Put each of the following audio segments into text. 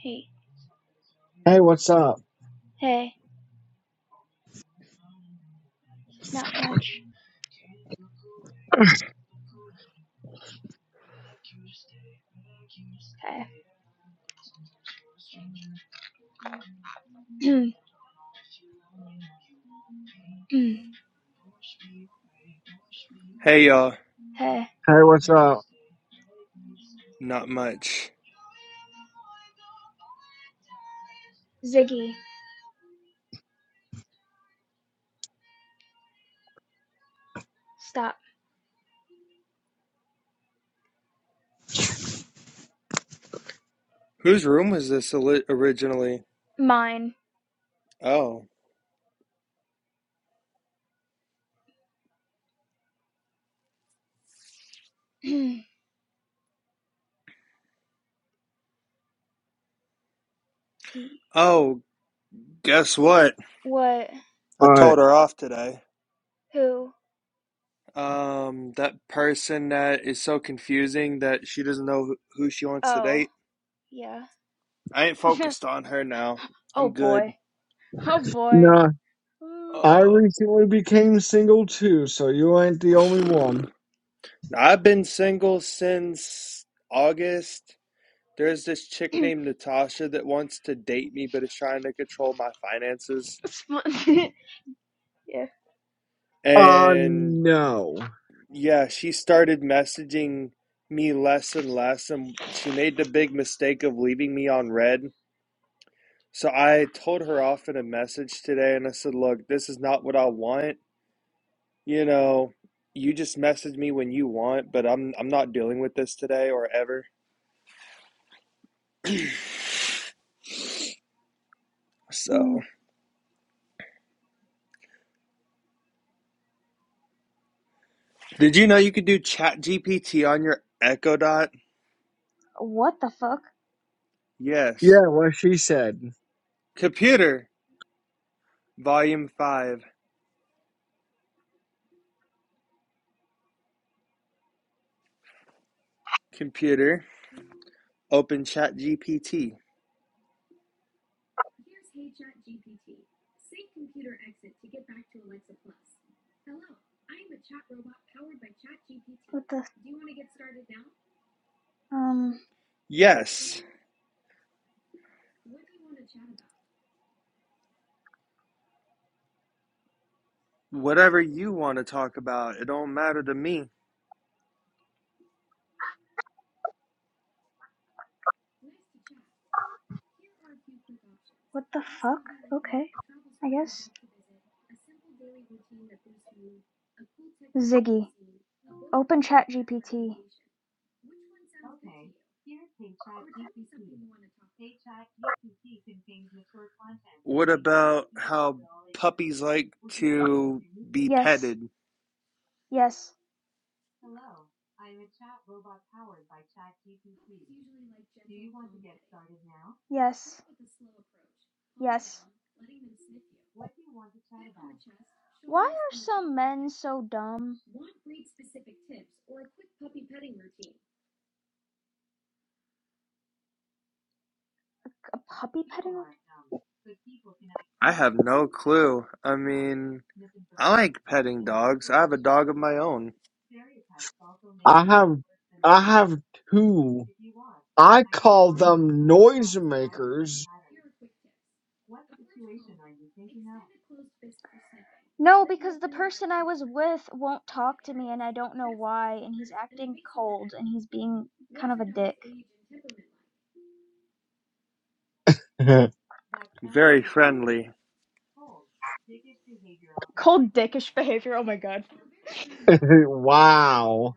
Hey, Hey, what's up? hey, not much. Hey, Hey y'all, hey, Hey, what's up? not much. Ziggy, stop. Whose room was this ali- originally? Mine. Oh, he, oh, guess what? what? I Alright. told her off today. Who? Um, that person that is so confusing that she doesn't know who who she wants to Oh, date. yeah. I ain't focused on her now. Oh I'm good. boy. Nah, I Uh, recently became single too, so you ain't the only one. I've been single since August. There's this chick named Natasha that wants to date me but is trying to control my finances. yeah. Uh, And no. Yeah, she started messaging me less and less, and she made the big mistake of leaving me on red. So I told her off in a message today, and I said, "Look, this is not what I want. You know, you just message me when you want, but I'm I'm not dealing with this today or ever." So, did you know you could do Chat GPT on your Echo Dot? Yes. Yeah, what she said. Computer, volume 5. Computer, open Chat GPT. What the? Um. Yes. Whatever you want to talk about, it don't matter to me. What the fuck? Okay. I guess. Ziggy, open Chat GPT. What about how puppies like to be Yes, petted? yes, yes, yes. Why are some men so dumb? A puppy petting? I have no clue. I mean, I like petting dogs. I have a dog of my own. I have, I have two. I call Yeah. them noisemakers. No, because the person I was with won't talk to me and I don't know why and he's acting cold and he's being kind of a dick. Very friendly. Cold dickish behavior. Oh my god. wow.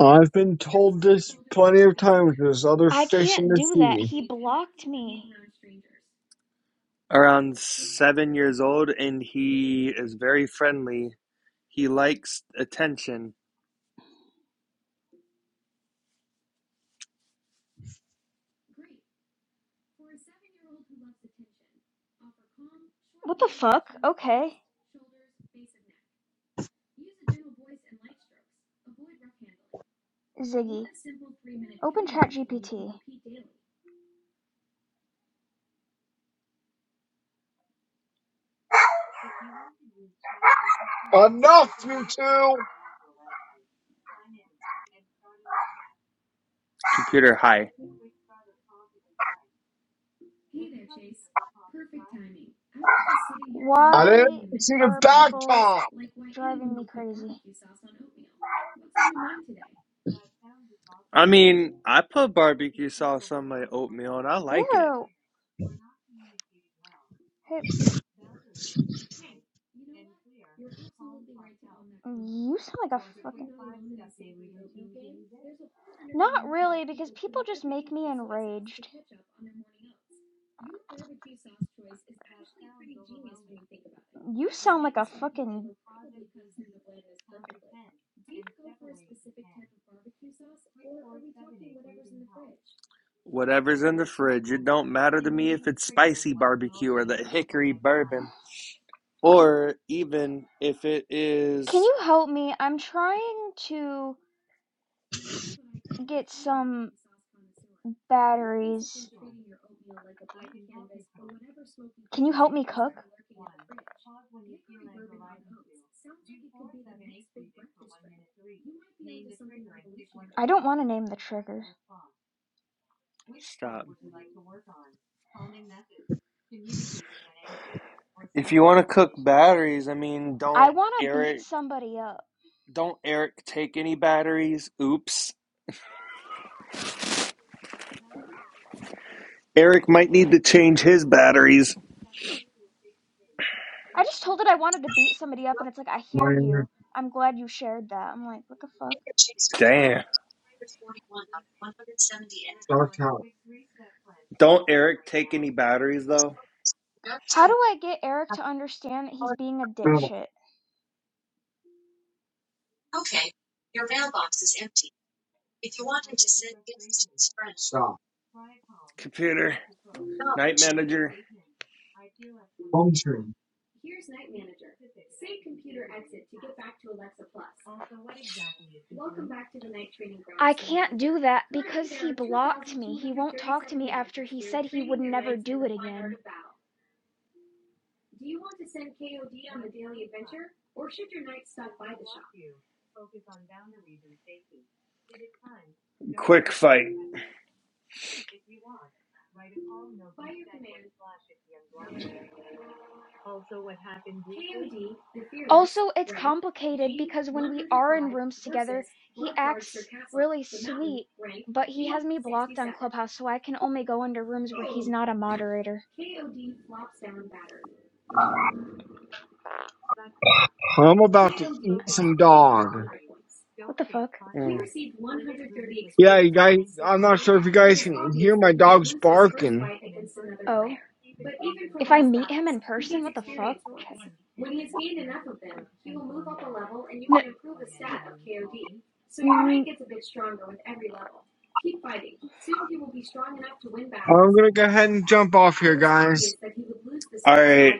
I've been told this plenty of times. There's other I fish in can't the do that. sea. He blocked me. Around seven years old, and he is very friendly. He likes attention. What the fuck? Okay. Ziggy, open ChatGPT. Enough, you two! Computer hi. I didn't Why see the are back people top! driving me crazy? I mean, I put People can barbecue feel sauce on my overwhelming like oatmeal and I stress. like it. Ew. Hey, you sound like a fucking Not really because people just make me enraged. You sound like a fucking. Whatever's in the fridge, it don't matter to me if it's spicy barbecue or the hickory bourbon, or even if it Can is. you help me? I'm trying to get some batteries. Can you help me cook? I don't want to name the trigger. Stop. If you want to cook batteries, I mean, I don't want to beat Eric, somebody up. don't Eric take any batteries. Oops. Eric might need to change his batteries. I just told it I wanted to beat somebody up, and it's like, I hear you. I'm glad you shared that. I'm like, what the fuck? Damn. forty-one out of one hundred seventy and Dark out. Don't Eric take any batteries though. How do I get Eric to understand that he's being a No, dipshit? If you want him to send gifts to his friends. stop. Computer, night manager, Functioning. I can't do that because he blocked me. He won't talk to me after he said he would never do it again. quick fight. Also, it's complicated because when we are in rooms together, he acts really sweet, but he has me blocked on Clubhouse, so I can only go into rooms where he's not a moderator. I'm about to eat some dog. Don't What the fuck? Mm. He received one hundred thirty Yeah, you experience guys, points. I'm not sure if you guys can hear my dogs If you barking. meet him in person, Oh. If I meet him in person, what the well, fuck? Check. N- n- I'm gonna go ahead and jump off here, guys. right,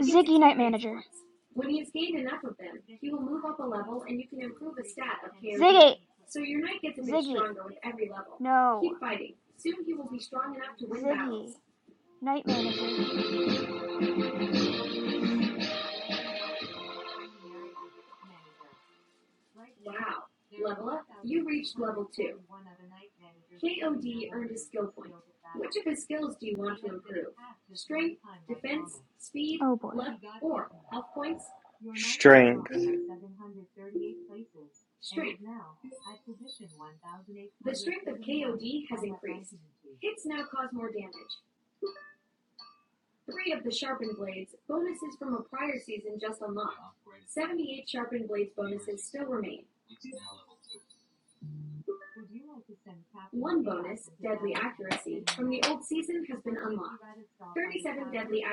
Ziggy Night Manager. Ziggy! Ziggy, no. Ziggy, night manager. Oh boy. strength.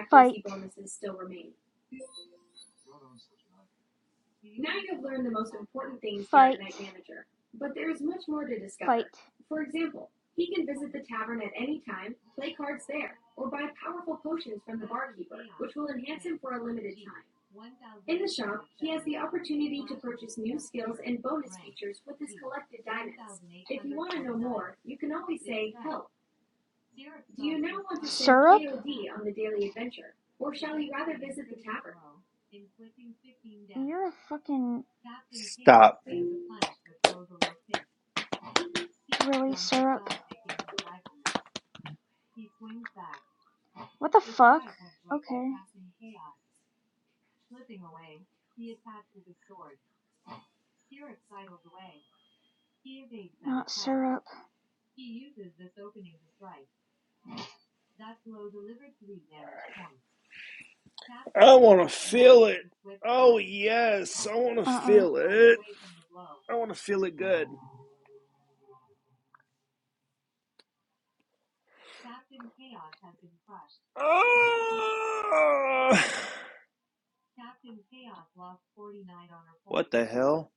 Fight, fight, fight. Syrup? You're a fucking. Stop. Really, syrup? What the fuck? Okay. Not syrup. I want to feel it. Oh, yes. I want to Uh uh feel it. I want to feel it good. Ah! What the hell?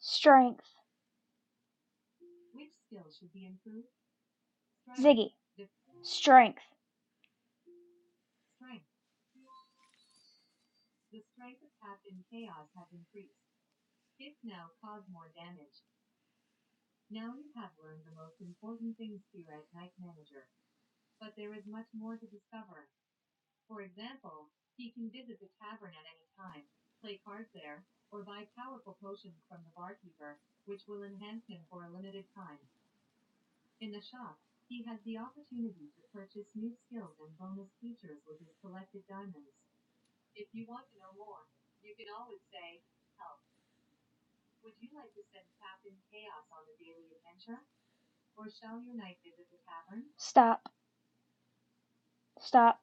Strength. Ziggy. Strength. Stop. Stop.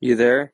You there?